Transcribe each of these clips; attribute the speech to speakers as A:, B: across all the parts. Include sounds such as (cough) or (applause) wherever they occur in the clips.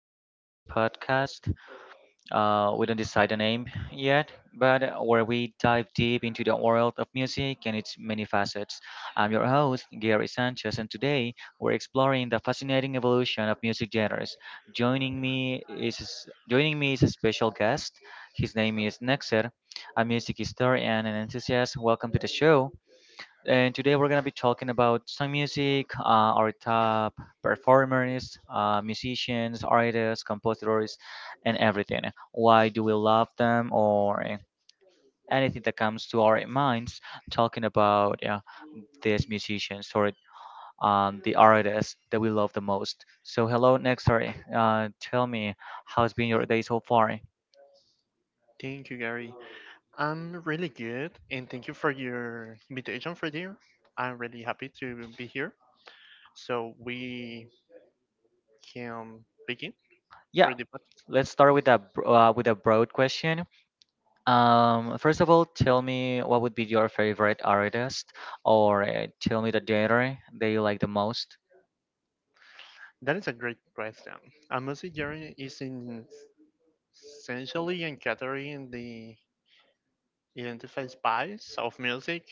A: to this podcast. We don't decide the name yet, but where we dive deep into the world of music and its many facets. I'm your host, Gary Sanchez, and today we're exploring the fascinating evolution of music genres. Joining me is a special guest. His name is Nexer, a music historian and enthusiast. Welcome to the show. And today we're going to be talking about some music, our top performers, musicians, artists, compositors, and everything. Why do we love them or anything that comes to our minds talking about, yeah, these musicians or the artists that we love the most. So, hello, Nexar. Tell me, how's been your day so far?
B: Thank you, Gary. I'm really good, and thank you for your invitation for here. I'm really happy to be here. So we can begin
A: Yeah,
B: for the pod-
A: let's start with a with a broad question. First of all, tell me what would be your favorite artist, or tell me the genre that you like the most.
B: That is a great question. A music journey is in essentially encountering the identified spice of music.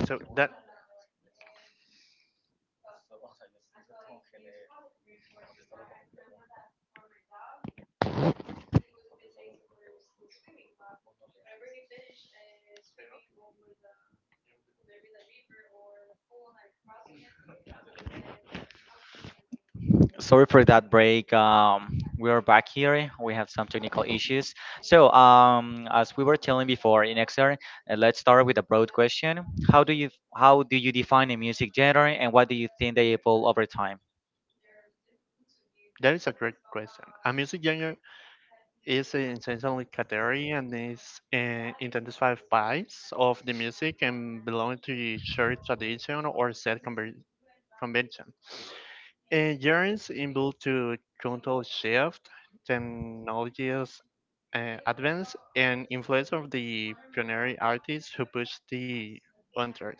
B: So that
A: Sorry for that break. We are back here. We have some technical issues. So, as we were telling before in XR, let's start with a broad question. How do you define a music genre, and what do you think they evolve over time?
B: that is a great question. A music genre is essentially category and is identifies parts of the music and belong to the shared tradition or set convention. And genres involved to control shift, technologies advance, and influence of the pioneer artists who push the boundaries.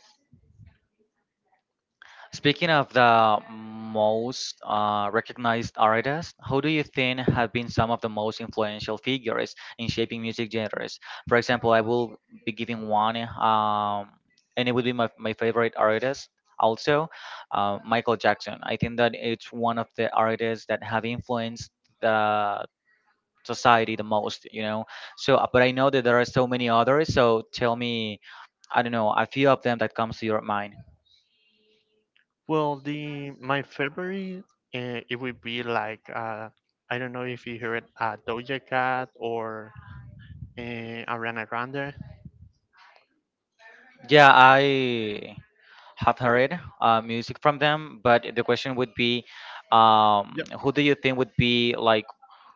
A: Speaking of the most recognized artists, who do you think have been some of the most influential figures in shaping music genres? For example, I will be giving one, and it would be my favorite artist also, Michael Jackson. I think that it's one of the artists that have influenced the society the most, you know. So, but I know that there are so many others. So, tell me, I don't know, a few of them that comes to your mind.
B: Well, the my favorite it would be like I don't know if you heard Doja Cat or Ariana Grande.
A: Yeah, I have heard music from them, but the question would be,
B: Yeah.
A: who do you think would be like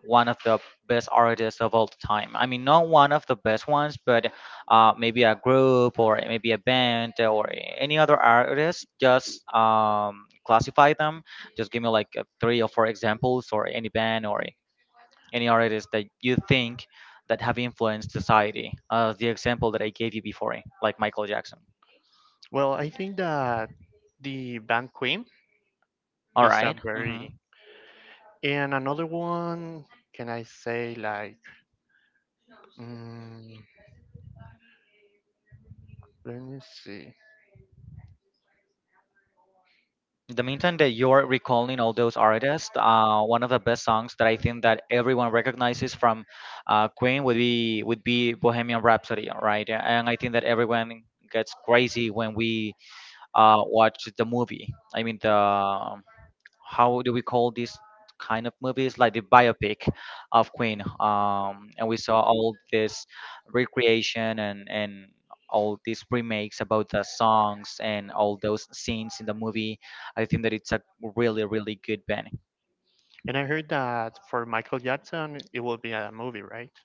A: one of the best artists of all time? I mean, not one of the best ones, but maybe a group or maybe a band or any other artist. Just classify them. Just give me like three or four examples, or any band or any artist that you think that have influenced society. The example that I gave you before, like Michael Jackson.
B: Well, I think that the band Queen
A: All
B: is a
A: right. Mm-hmm.
B: very and another one. Can I say like? Mm, let me see.
A: The meantime that you're recalling all those artists, one of the best songs that I think that everyone recognizes from Queen would be Bohemian Rhapsody, right? And I think that everyone gets crazy when we watch the movie. I mean the how do we call this kind of movies, like the biopic of Queen. And we saw all this recreation and all these remakes about the songs and all those scenes in the movie. I think that it's a really really good band.
B: And I heard that for Michael Jackson, it will be a movie, right?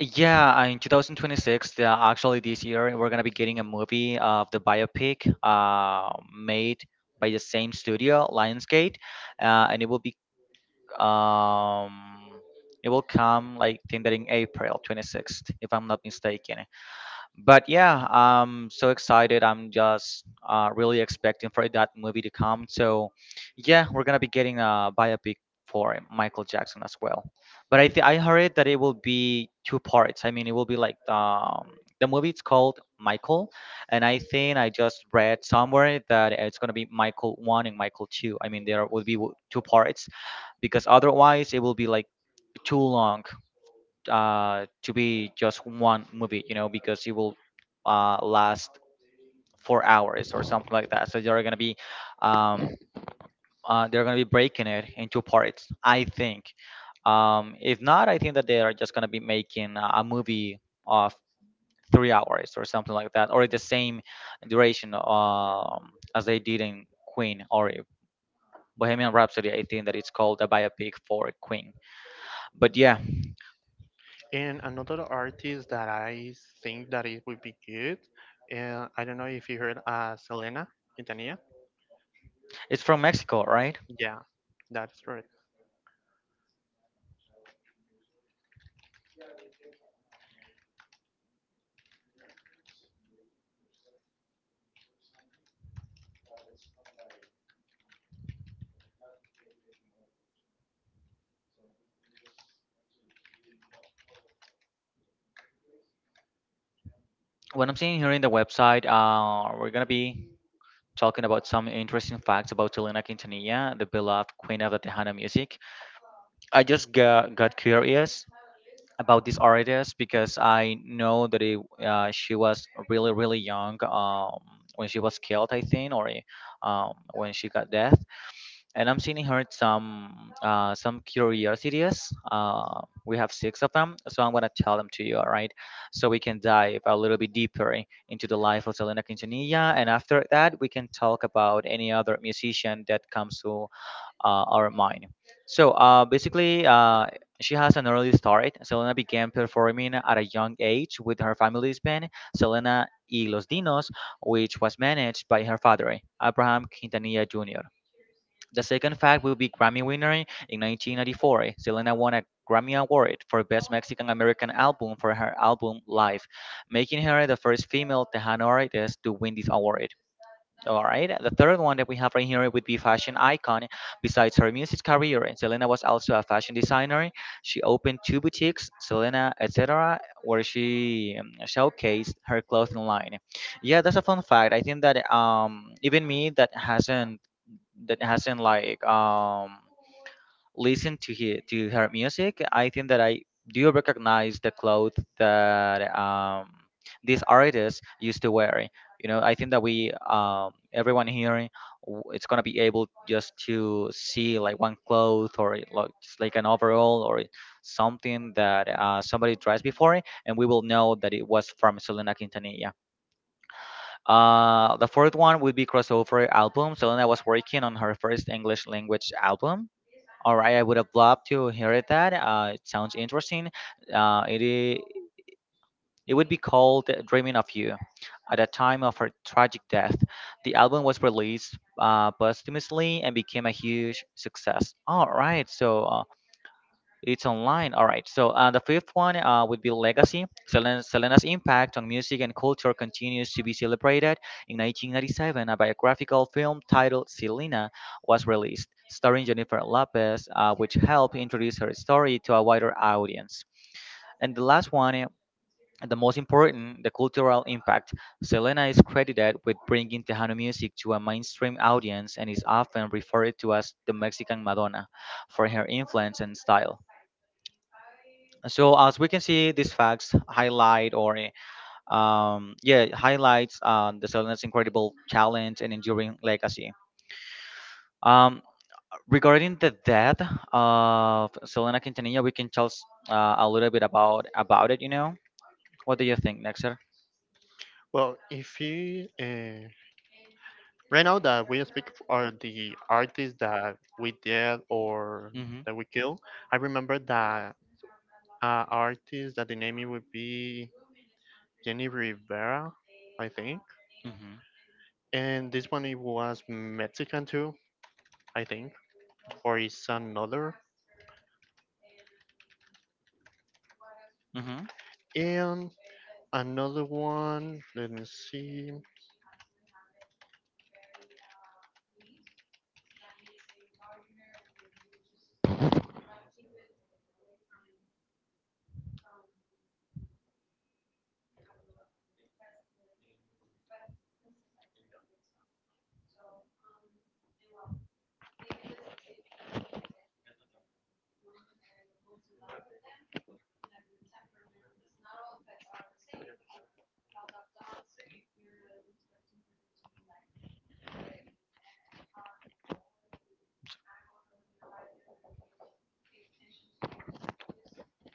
A: Yeah, in 2026, actually this year, we're gonna be getting a movie of the biopic made by the same studio, Lionsgate, and um it will come, like, think that in April 26th if I'm not mistaken. But yeah, I'm so excited, I'm just really expecting for that movie to come. So yeah, we're gonna be getting a biopic for michael jackson as well. But I heard that it will be 2 parts. I mean it will be like the movie, it's called michael, and I think I just read somewhere that it's gonna be Michael 1 and Michael 2. I mean there will be 2 parts because otherwise it will be like too long to be just one movie, you know, because it will last 4 hours or something like that. So um, they're gonna be breaking it into parts, I think. If not, I think that they are just gonna be making a movie of 3 hours or something like that, or the same duration as they did in Queen or Bohemian Rhapsody. I think that it's called a biopic for Queen. But yeah,
B: And another artist that I think that it would be good, I don't know if you heard Selena Quintanilla.
A: it's from Mexico, right?
B: Yeah, that's right.
A: What I'm seeing here in the website, we're gonna be talking about some interesting facts about Selena Quintanilla, the beloved queen of the Tejana music. I just got curious about this artist because I know that it, she was really, really young when she was killed, I think, or when she got death. And I'm seeing her some curiosities. We have 6 of them, so I'm gonna tell them to you, all right? So we can dive a little bit deeper into the life of Selena Quintanilla, and after that, we can talk about any other musician that comes to our mind. So basically, she has an early start. Selena began performing at a young age with her family's band, Selena y los Dinos, which was managed by her father, Abraham Quintanilla Jr. The second fact would be Grammy winner in 1994. Selena won a Grammy Award for Best Mexican American Album for her album Live, making her the first female Tejano artist to win this award. All right. The third one that we have right here would be fashion icon. Besides her music career, Selena was also a fashion designer. She opened two boutiques, Selena etc., where she showcased her clothing line. Yeah, that's a fun fact. I think that even me, that hasn't listen to to her music, I think that I do recognize the clothes that these artists used to wear. You know, I think that we everyone here it's gonna be able just to see like one cloth or it, like just like an overall or something that somebody dressed before, and we will know that it was from Selena Quintanilla. The fourth one would be crossover album. Selena was working on her first English language album. All right, I would have loved to hear it. That it sounds interesting. Uh, it i- it would be called "Dreaming of You." At the time of her tragic death, the album was released posthumously and became a huge success. All right, so it's online. All right. So the fifth one would be legacy. Selena's impact on music and culture continues to be celebrated. In 1997, a biographical film titled Selena was released, starring Jennifer Lopez, which helped introduce her story to a wider audience. And the last one, and the most important, the cultural impact. Selena is credited with bringing Tejano music to a mainstream audience and is often referred to as the Mexican Madonna for her influence and style. So as we can see, these facts highlight or yeah highlights the Selena's incredible talent and enduring legacy. Um, regarding the death of Selena Quintanilla, we can tell a little bit about it. You know, what do you think, Nexer?
B: Well, if you right now that we speak are the artists that we did or
A: Mm-hmm.
B: that we kill, I remember that artist that the name it would be Jenny Rivera, I think.
A: Mm-hmm.
B: And this one it was Mexican too. I think, or it's another.
A: Mm-hmm.
B: And another one, let me see.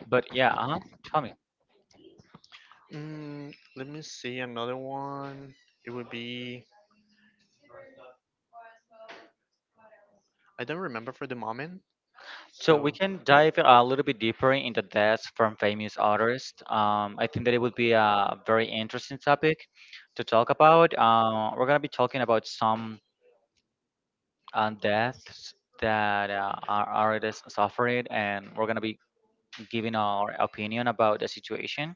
A: But yeah, uh-huh. Tell me.
B: Mm, let me see another one. It would be I don't remember for the moment.
A: So we
B: So
A: can dive a little bit deeper into deaths from famous artists. I think that it would be a very interesting topic to talk about. We're gonna be talking about some deaths that our artists suffered, and we're gonna be giving our opinion about the situation.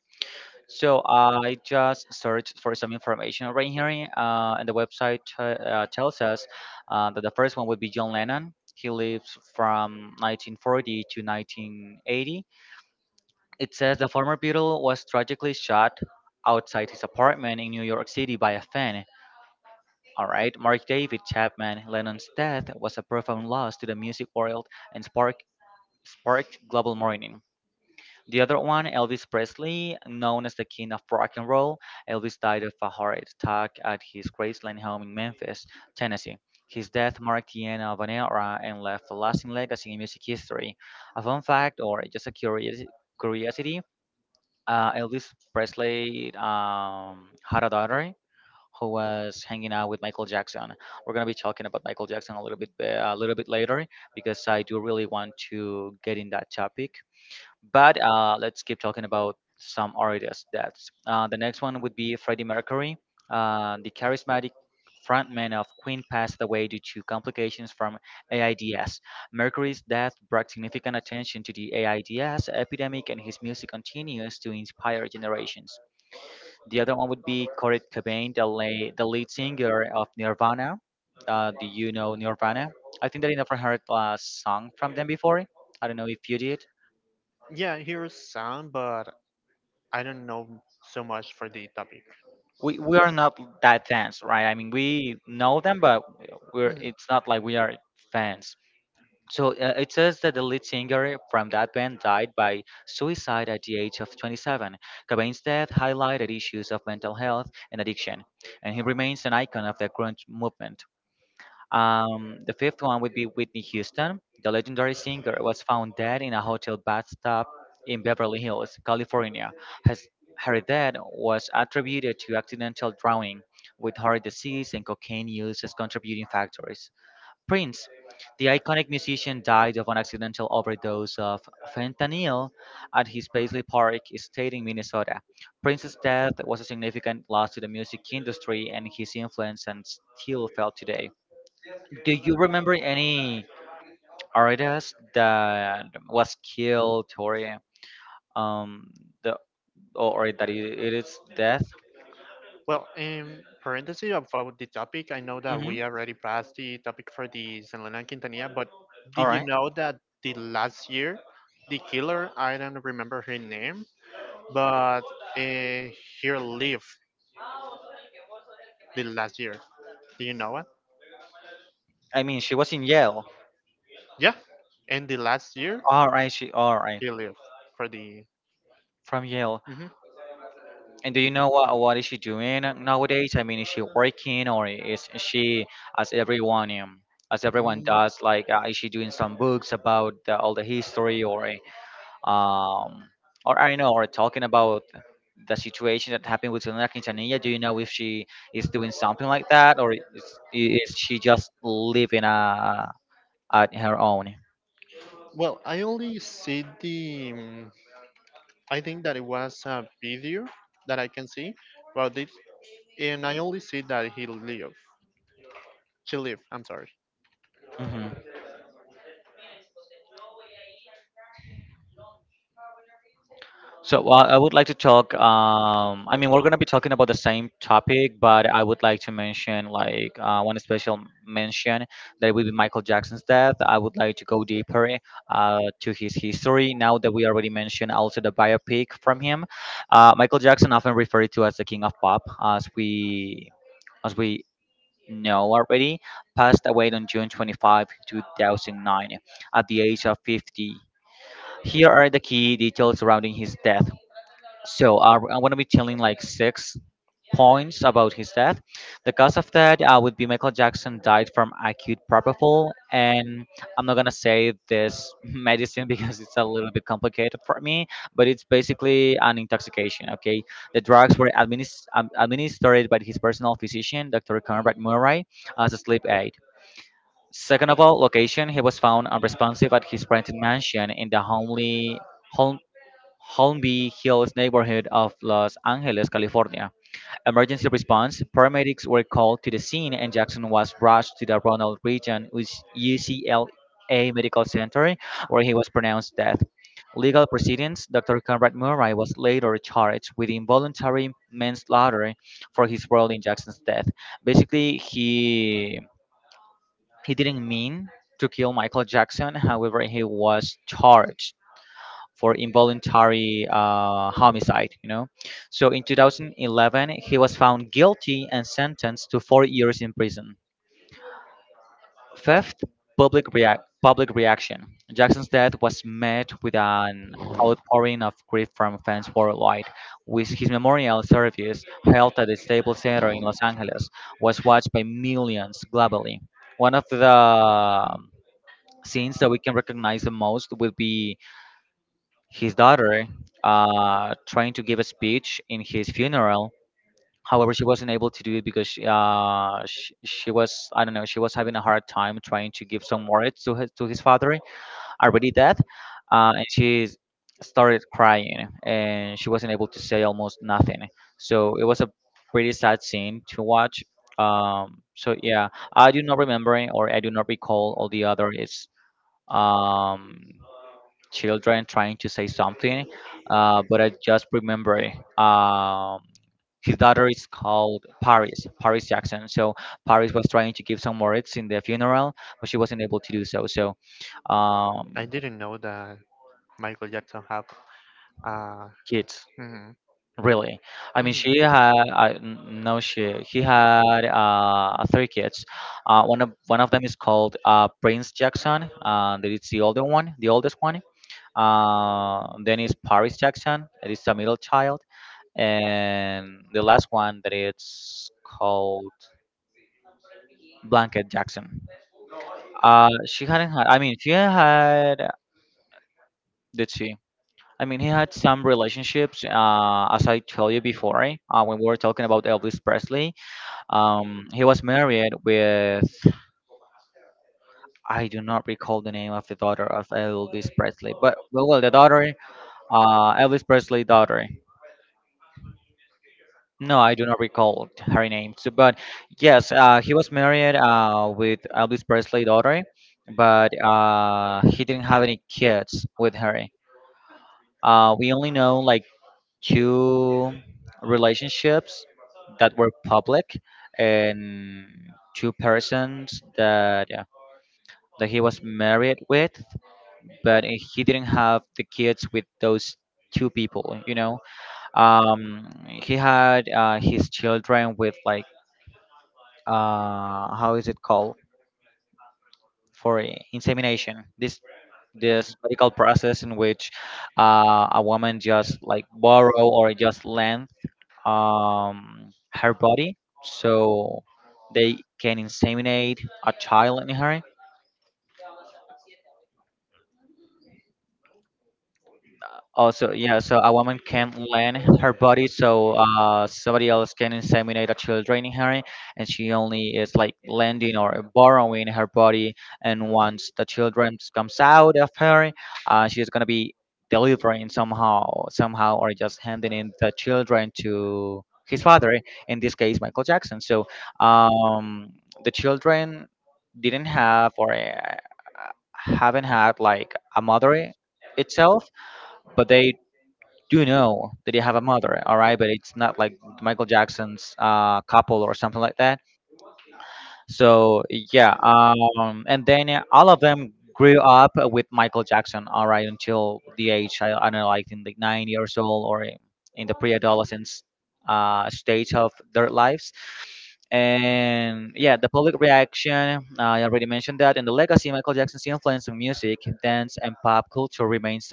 A: So I just searched for some information right here, and the website tells us that the first one would be John Lennon. He lives from 1940 to 1980. It says the former Beatle was tragically shot outside his apartment in New York City by a fan. All right, Mark David Chapman. Lennon's death was a profound loss to the music world and sparked global mourning. The other one, Elvis Presley, known as the King of Rock and Roll, Elvis died of a heart attack at his Graceland home in Memphis, Tennessee. His death marked the end of an era and left a lasting legacy in music history. A fun fact, or just a curiosity, Elvis Presley had a daughter who was hanging out with Michael Jackson. We're gonna be talking about Michael Jackson a little bit later because I do really want to get in that topic, but let's keep talking about some artists' deaths. The next one would be Freddie Mercury. The charismatic frontman of Queen passed away due to complications from AIDS. Mercury's death brought significant attention to the AIDS epidemic, and his music continues to inspire generations. The other one would be Kurt Cobain, the lead singer of Nirvana. Do you know Nirvana? I think that I never heard a song from them before. I don't know if you did.
B: yeah, here's sound, but I don't know so much for the topic.
A: We are not that fans, right? I mean, we know them, but we're
B: Mhm.
A: it's not like we are fans. It says that the lead singer from that band died by suicide at the age of 27. Cobain's death highlighted issues of mental health and addiction, and he remains an icon of the grunge movement. The fifth one would be Whitney Houston. The legendary singer was found dead in a hotel bathtub in Beverly Hills, California. His, Her death was attributed to accidental drowning, with heart disease and cocaine use as contributing factors. Prince. The iconic musician died of an accidental overdose of fentanyl at his Paisley Park estate in Minnesota. Prince's death was a significant loss to the music industry, and his influence and still felt today. Do you remember any artist that was killed or eh, um the or that it is death?
B: Well, in parenthesis about the topic, I know that
A: Mm-hmm.
B: we already passed the topic for the San Lenan Quintanilla, but
A: All
B: did you
A: right.
B: know that the last year, the killer, I don't remember her name, but uh, he lived the last year. Do you know it?
A: I mean, she was in Yale.
B: Yeah, and the last year,
A: All right. She all right
B: he lived for the.
A: from Yale.
B: Mhm.
A: And do you know what is she doing nowadays? I mean, is she working or is she as everyone um, as everyone does? Like, is she doing some books about all the
B: Mm.
A: history or? um, or I don't know, or talking about the situation that happened with Selena Quintanilla. Do you know if she is doing something like that, or is she just living at her own?
B: Well, I only see the. I think that it was a video that I can see about it, and I only see that he lived. She lived. I'm sorry.
A: hmm So I would like to talk. I mean, we're gonna be talking about the same topic, but I would like to mention like one special mention that will be Michael Jackson's death. I would like to go deeper to his history now that we already mentioned also the biopic from him. Michael Jackson, often referred to as the King of Pop, as we know already, passed away on June 25, 2009, at the age of 50. Here are the key details surrounding his death. So I'm gonna be telling like six points about his death. The cause of death would be Michael Jackson died from acute propofol, and I'm not gonna say this (laughs) medicine because it's a little bit complicated for me, but it's basically an intoxication. Okay, the drugs were administered by his personal physician, Dr. Conrad Murray, as a sleep aid. Second of all, location. He was found unresponsive at his rented mansion in the homely Hol- Holmby Hills neighborhood of Los Angeles, California. Emergency response. Paramedics were called to the scene and Jackson was rushed to the Ronald Reagan UCLA Medical Center where he was pronounced dead. Legal proceedings. Dr. Conrad Murray was later charged with involuntary manslaughter for his role in Jackson's death. Basically, he didn't mean to kill Michael Jackson. However, he was charged for involuntary homicide, you know. So in 2011, he was found guilty and sentenced to 4 years in prison. Fifth, public reaction. Jackson's death was met with an outpouring of grief from fans worldwide, with his memorial service held at the Staples Center in Los Angeles, was watched by millions globally. One of the scenes that we can recognize the most will be his daughter trying to give a speech in his funeral. However, she wasn't able to do it because she was, I don't know, she was having a hard time trying to give some words to to his father already dead, and she started crying and she wasn't able to say almost nothing. So it was a pretty sad scene to watch. So yeah, I do not remember or I do not recall all the other is um children trying to say something, but I just remember um, his daughter is called Paris, Paris Jackson. So Paris was trying to give some words in the funeral, but she wasn't able to do so.
B: I
A: Um,
B: didn't know that Michael Jackson have. Uh,
A: Kids,
B: mhm,
A: really, I mean, she
B: mhm.
A: had I no she he had three kids. One of them is called Prince Jackson. That it's the older one, the oldest one. Then is Paris Jackson. It is the middle child, and the last one that it's called Blanket Jackson. She hadn't had. I mean, she had. Did she? I mean, he had some relationships. As I told you before, when we were talking about Elvis Presley, he was married with. I do not recall the name of the daughter of Elvis Presley, but well, the daughter, Elvis Presley daughter. No, I do not recall her name. So, but yes, he was married with Elvis Presley daughter, but he didn't have any kids with her. We only know like two relationships that were public, and two persons that that he was married with, but he didn't have the kids with those two people. You know, um, he had his children with like how is it called, insemination, this
B: Mm.
A: this medical process in which a woman just like borrow or just lend her body so they can inseminate a child in her. Also, yeah, so a woman can lend her body so somebody else can inseminate a children in her, and she only is like lending or borrowing her body. And once the children comes out of her, she's gonna be delivering somehow, or just handing in the children to his father. In this case, Michael Jackson. So um, the children didn't have or haven't had like a mother itself, but they do know that they have a mother, all right, but it's not like Michael Jackson's couple or something like that. So yeah, and then all of them grew up with Michael Jackson, all right, until the age, I don't know, like in the 9 years old in the pre-adolescence stage of their lives. And yeah, the public reaction I already mentioned that, and the legacy of Michael Jackson's influence on music, dance and pop culture remains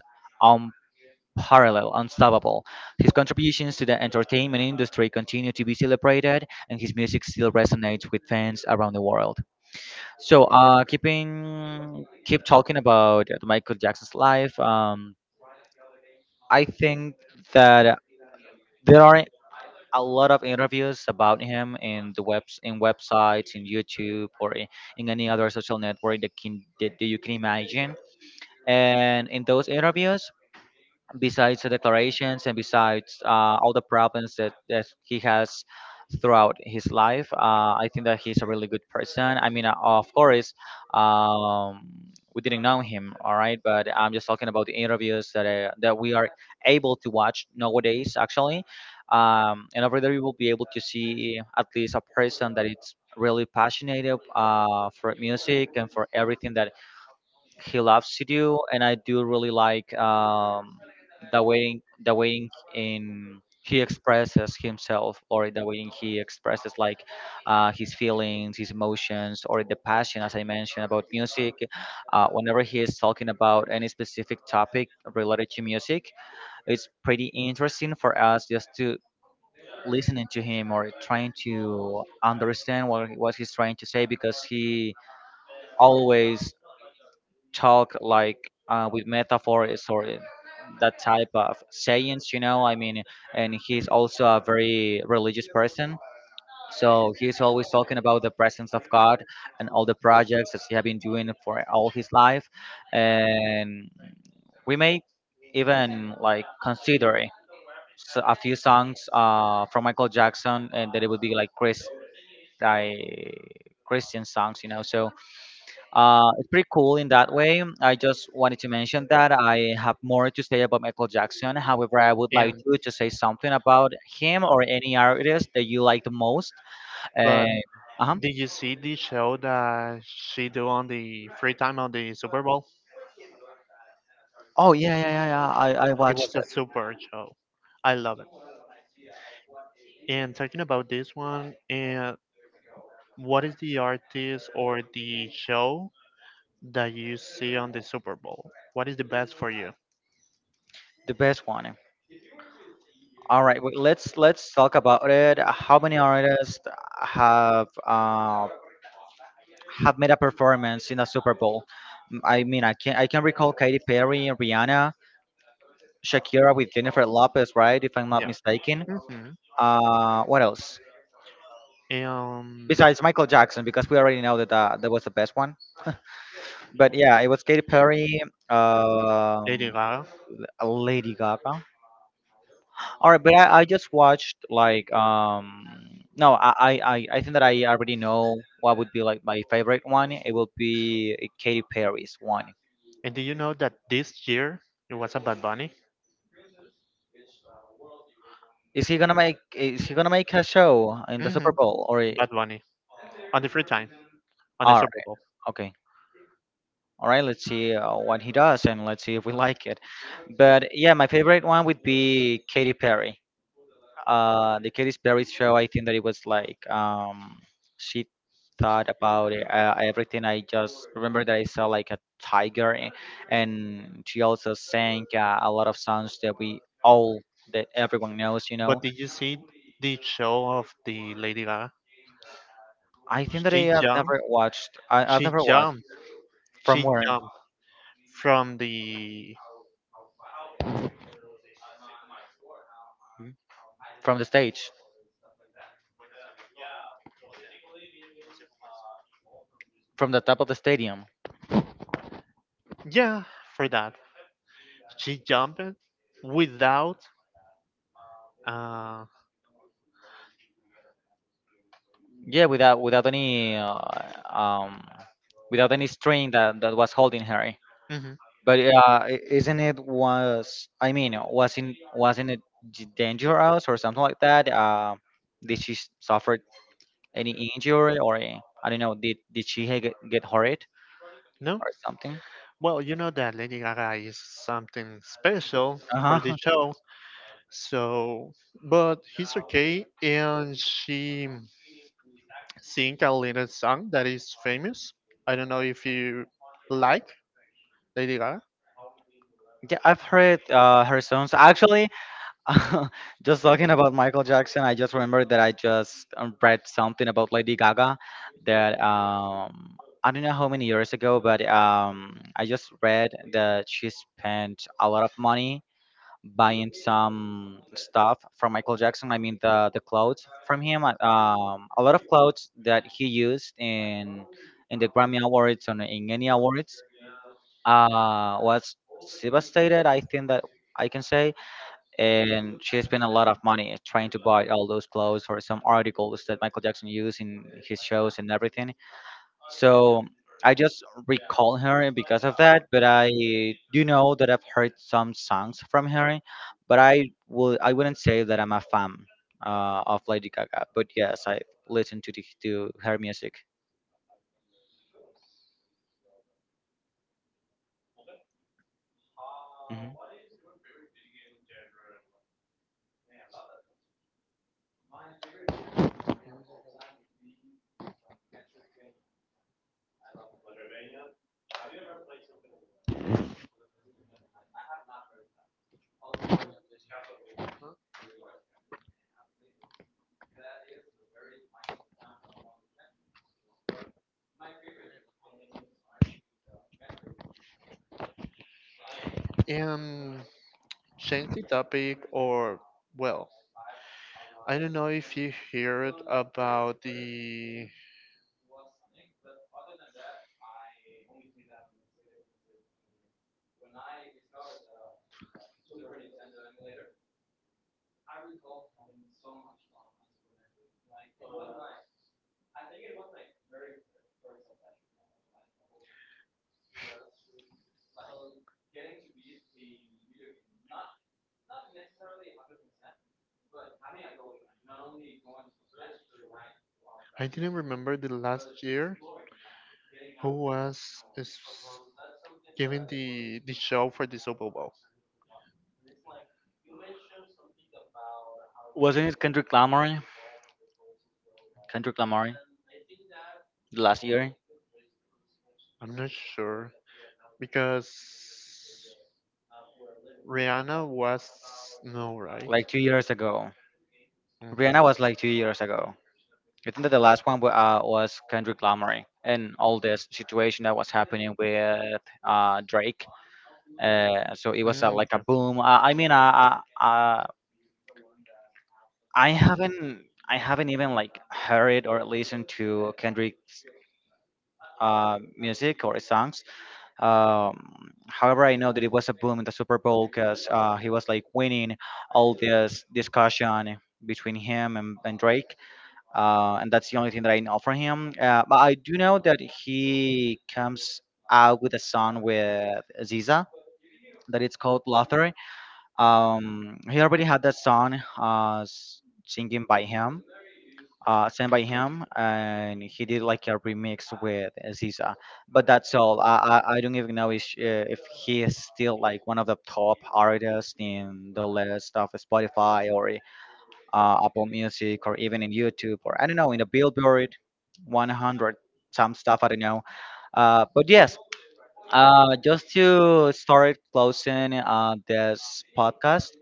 A: parallel, unstoppable. His contributions to the entertainment industry continue to be celebrated, and his music still resonates with fans around the world. So, keep talking about Michael Jackson's life. I think that there are a lot of interviews about him in the webs in websites, in YouTube, or in any other social network that can that you can imagine. And in those interviews, besides the declarations and besides all the problems that he has throughout his life, I think that he's a really good person. I mean, of course, um, we didn't know him, all right, but I'm just talking about the interviews that we are able to watch nowadays. Actually, and over there you will be able to see at least a person that it's really passionate for music and for everything that he loves to do, and I do really like the way in he expresses himself, or the way he expresses like his feelings, his emotions, or the passion, as I mentioned about music. Whenever he is talking about any specific topic related to music, it's pretty interesting for us just to listening to him or trying to understand what he's trying to say because he always talk like with metaphors or that type of sayings, you know. I mean, and he's also a very religious person. So he's always talking about the presence of God and all the projects that he has been doing for all his life. And we may even like consider it. So a few songs from Michael Jackson, and that it would be like like Christian songs, you know. So it's pretty cool in that way. I just wanted to mention that I have more to say about Michael Jackson. However, I would like
B: And
A: you to say something about him or any artist that you like the most. Uh,
B: but
A: uh-huh.
B: did you see the show that she do on the free time on the Super Bowl?
A: Oh yeah, yeah, yeah, yeah. I
B: It
A: watched
B: was a
A: it.
B: super show. I love it. And talking about this one, and what is the artist or the show that you see on the Super Bowl? What is the best for you?
A: The best one. All right, wait, let's talk about it. How many artists have uh, have made a performance in a Super Bowl? Mm, I mean, I can recall Katy Perry, Rihanna, Shakira with Jennifer Lopez, right? If I'm not
B: Yeah.
A: mistaken.
B: Hmm.
A: What else?
B: Um,
A: Besides Michael Jackson, because we already know that that was the best one. But yeah, it was Katy Perry, um,
B: Lady Gaga.
A: Lady Gaga. All right, but I just watched like no I, I think that I already know what would be like my favorite one. It will be Katy Perry's one.
B: And do you know that this year it was a Bad Bunny?
A: Is he gonna make a show in the
B: Hmm.
A: Super Bowl or?
B: Bad Bunny on the free time on the
A: All
B: Super
A: right,
B: Bowl.
A: okay. All right, let's see what he does and let's see if we like it. But yeah, my favorite one would be Katy Perry. The Katy Perry show, I think that it was like she thought about it, everything. I just remember that I saw like a tiger, and she also sang a lot of songs that we all, that everyone knows.
B: But did you see the show of the Lady Gaga?
A: I think that
B: She
A: I have
B: jumped.
A: never watched. I've
B: She
A: never watched
B: jumped.
A: from
B: She
A: where,
B: jumped from the
A: from the stage, from the top of the stadium.
B: yeah for that. She jumped without uh
A: Yeah, without any um, without any string that was holding her.
B: mhm,
A: But isn't it was, I mean, wasn't it dangerous or something like that? Did she suffer any injury or I don't know? Did she get hurt
B: no.
A: or something?
B: Well, you know that Lady Gaga is something special
A: Uh
B: for the
A: huh. (laughs)
B: show. So, but he's okay, and she sing a little song that is famous. I don't know if you like Lady Gaga
A: Yeah, I've heard her songs. Actually, (laughs) just talking about Michael Jackson, I just remembered that I just read something about Lady Gaga that I don't know how many years ago, but I just read that she spent a lot of money buying some stuff from Michael Jackson. I mean the clothes from him, a lot of clothes that he used in the Grammy Awards and in any awards was devastated. I think that I can say, and she spent a lot of money trying to buy all those clothes or some articles that Michael Jackson used in his shows and everything. So I just recall her because of that, but I do know that I've heard some songs from her, but I wouldn't say that I'm a fan of Lady Gaga, but yes, I listen to to her music. Hmm.
B: and change the topic or well I don't know if you heard about the. I didn't remember the last year who was is giving the show for the Super Bowl.
A: Wasn't it Kendrick Lamar? Kendrick Lamar last year,
B: I'm not sure because Rihanna was no right.
A: like 2 years ago.
B: Mhm.
A: Rihanna was like 2 years ago. I think that the last one was Kendrick Lamar, and all this situation that was happening with Drake. So it was
B: Mm,
A: like a
B: yeah.
A: boom. I mean, I haven't even like heard or listened to Kendrick's music or his songs. However, I know that it was a boom in the Super Bowl because he was like winning all this discussion between him and Drake, and that's the only thing that I know from him. But I do know that he comes out with a song with Ziza that it's called Lothar. He already had that song singing by him, sent by him, and he did like a remix with Aziza. But that's all. I don't even know if he is still like one of the top artists in the list of Spotify or Apple Music or even in YouTube or I don't know in the Billboard 100, some stuff. I don't know. But yes, just to start closing this podcast,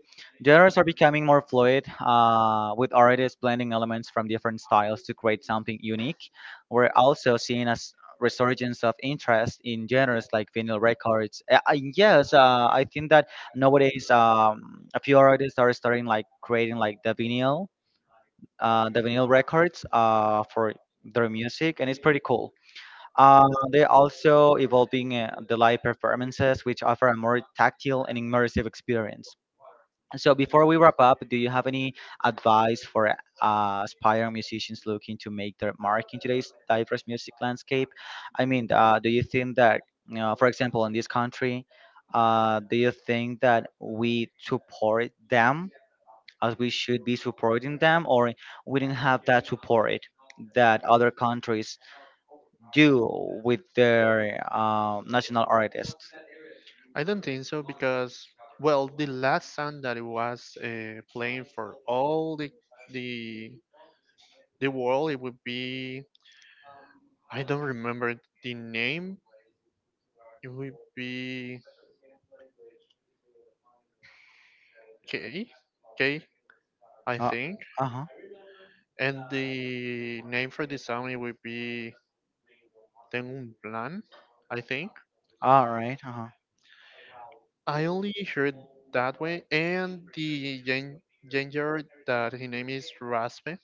A: genres are becoming more fluid, with artists blending elements from different styles to create something unique. We're also seeing a resurgence of interest in genres like vinyl records. Yes, I think that nowadays a few artists are starting like creating like the vinyl records for their music, and it's pretty cool. Uh, they're also evolving the live performances, which offer a more tactile and immersive experience. So, before we wrap up, do you have any advice for aspiring musicians looking to make their mark in today's diverse music landscape? I mean, do you think that, you know, for example, in this country, do you think that we support them as we should be supporting them, or we didn't have that support that other countries do with their national artists?
B: I don't think so because well, the last song that it was playing for all the the world it would be I don't remember the name, it would be K, K, I think.
A: Uh huh.
B: And the name for the song it would be Tengo un plan, I think.
A: All right. Uh huh.
B: I only heard that way. And the ginger that his name is Raspe.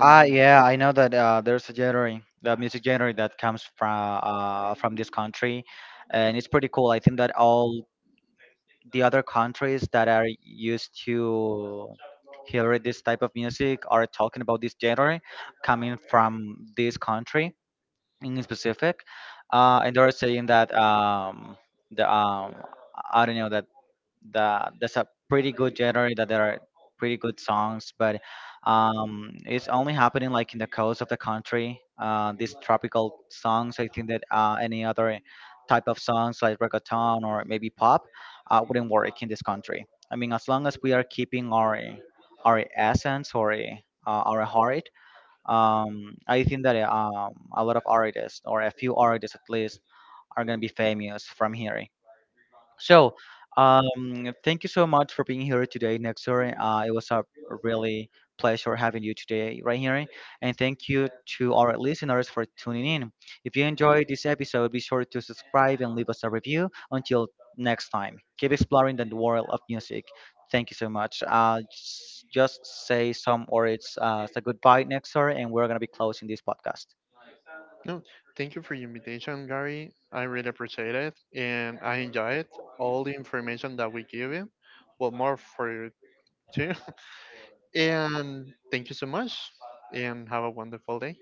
A: Ah, yeah, I know that there's a genre, the music genre that comes from this country, and it's pretty cool. I think that all the other countries that are used to hear this type of music are talking about this genre coming from this country, in specific. And they're saying that the I don't know that the that's a pretty good genre, that there are pretty good songs, but it's only happening like in the coast of the country. These tropical songs, I think that any other type of songs like reggaeton or maybe pop wouldn't work in this country. I mean, as long as we are keeping our essence or our heart, I think that a lot of artists or a few artists at least are gonna be famous from here. So, thank you so much for being here today, Nexor. It was a really pleasure having you today, right here. And thank you to our listeners for tuning in. If you enjoyed this episode, be sure to subscribe and leave us a review. Until next time, keep exploring the world of music. Thank you so much. Just say some words. Say goodbye, Nexor, and we're gonna be closing this podcast.
B: no, thank you for your invitation, Gary. I really appreciate it. And I enjoy it. All the information that we give you. Well, more for you too. (laughs) And thank you so much. And have a wonderful day.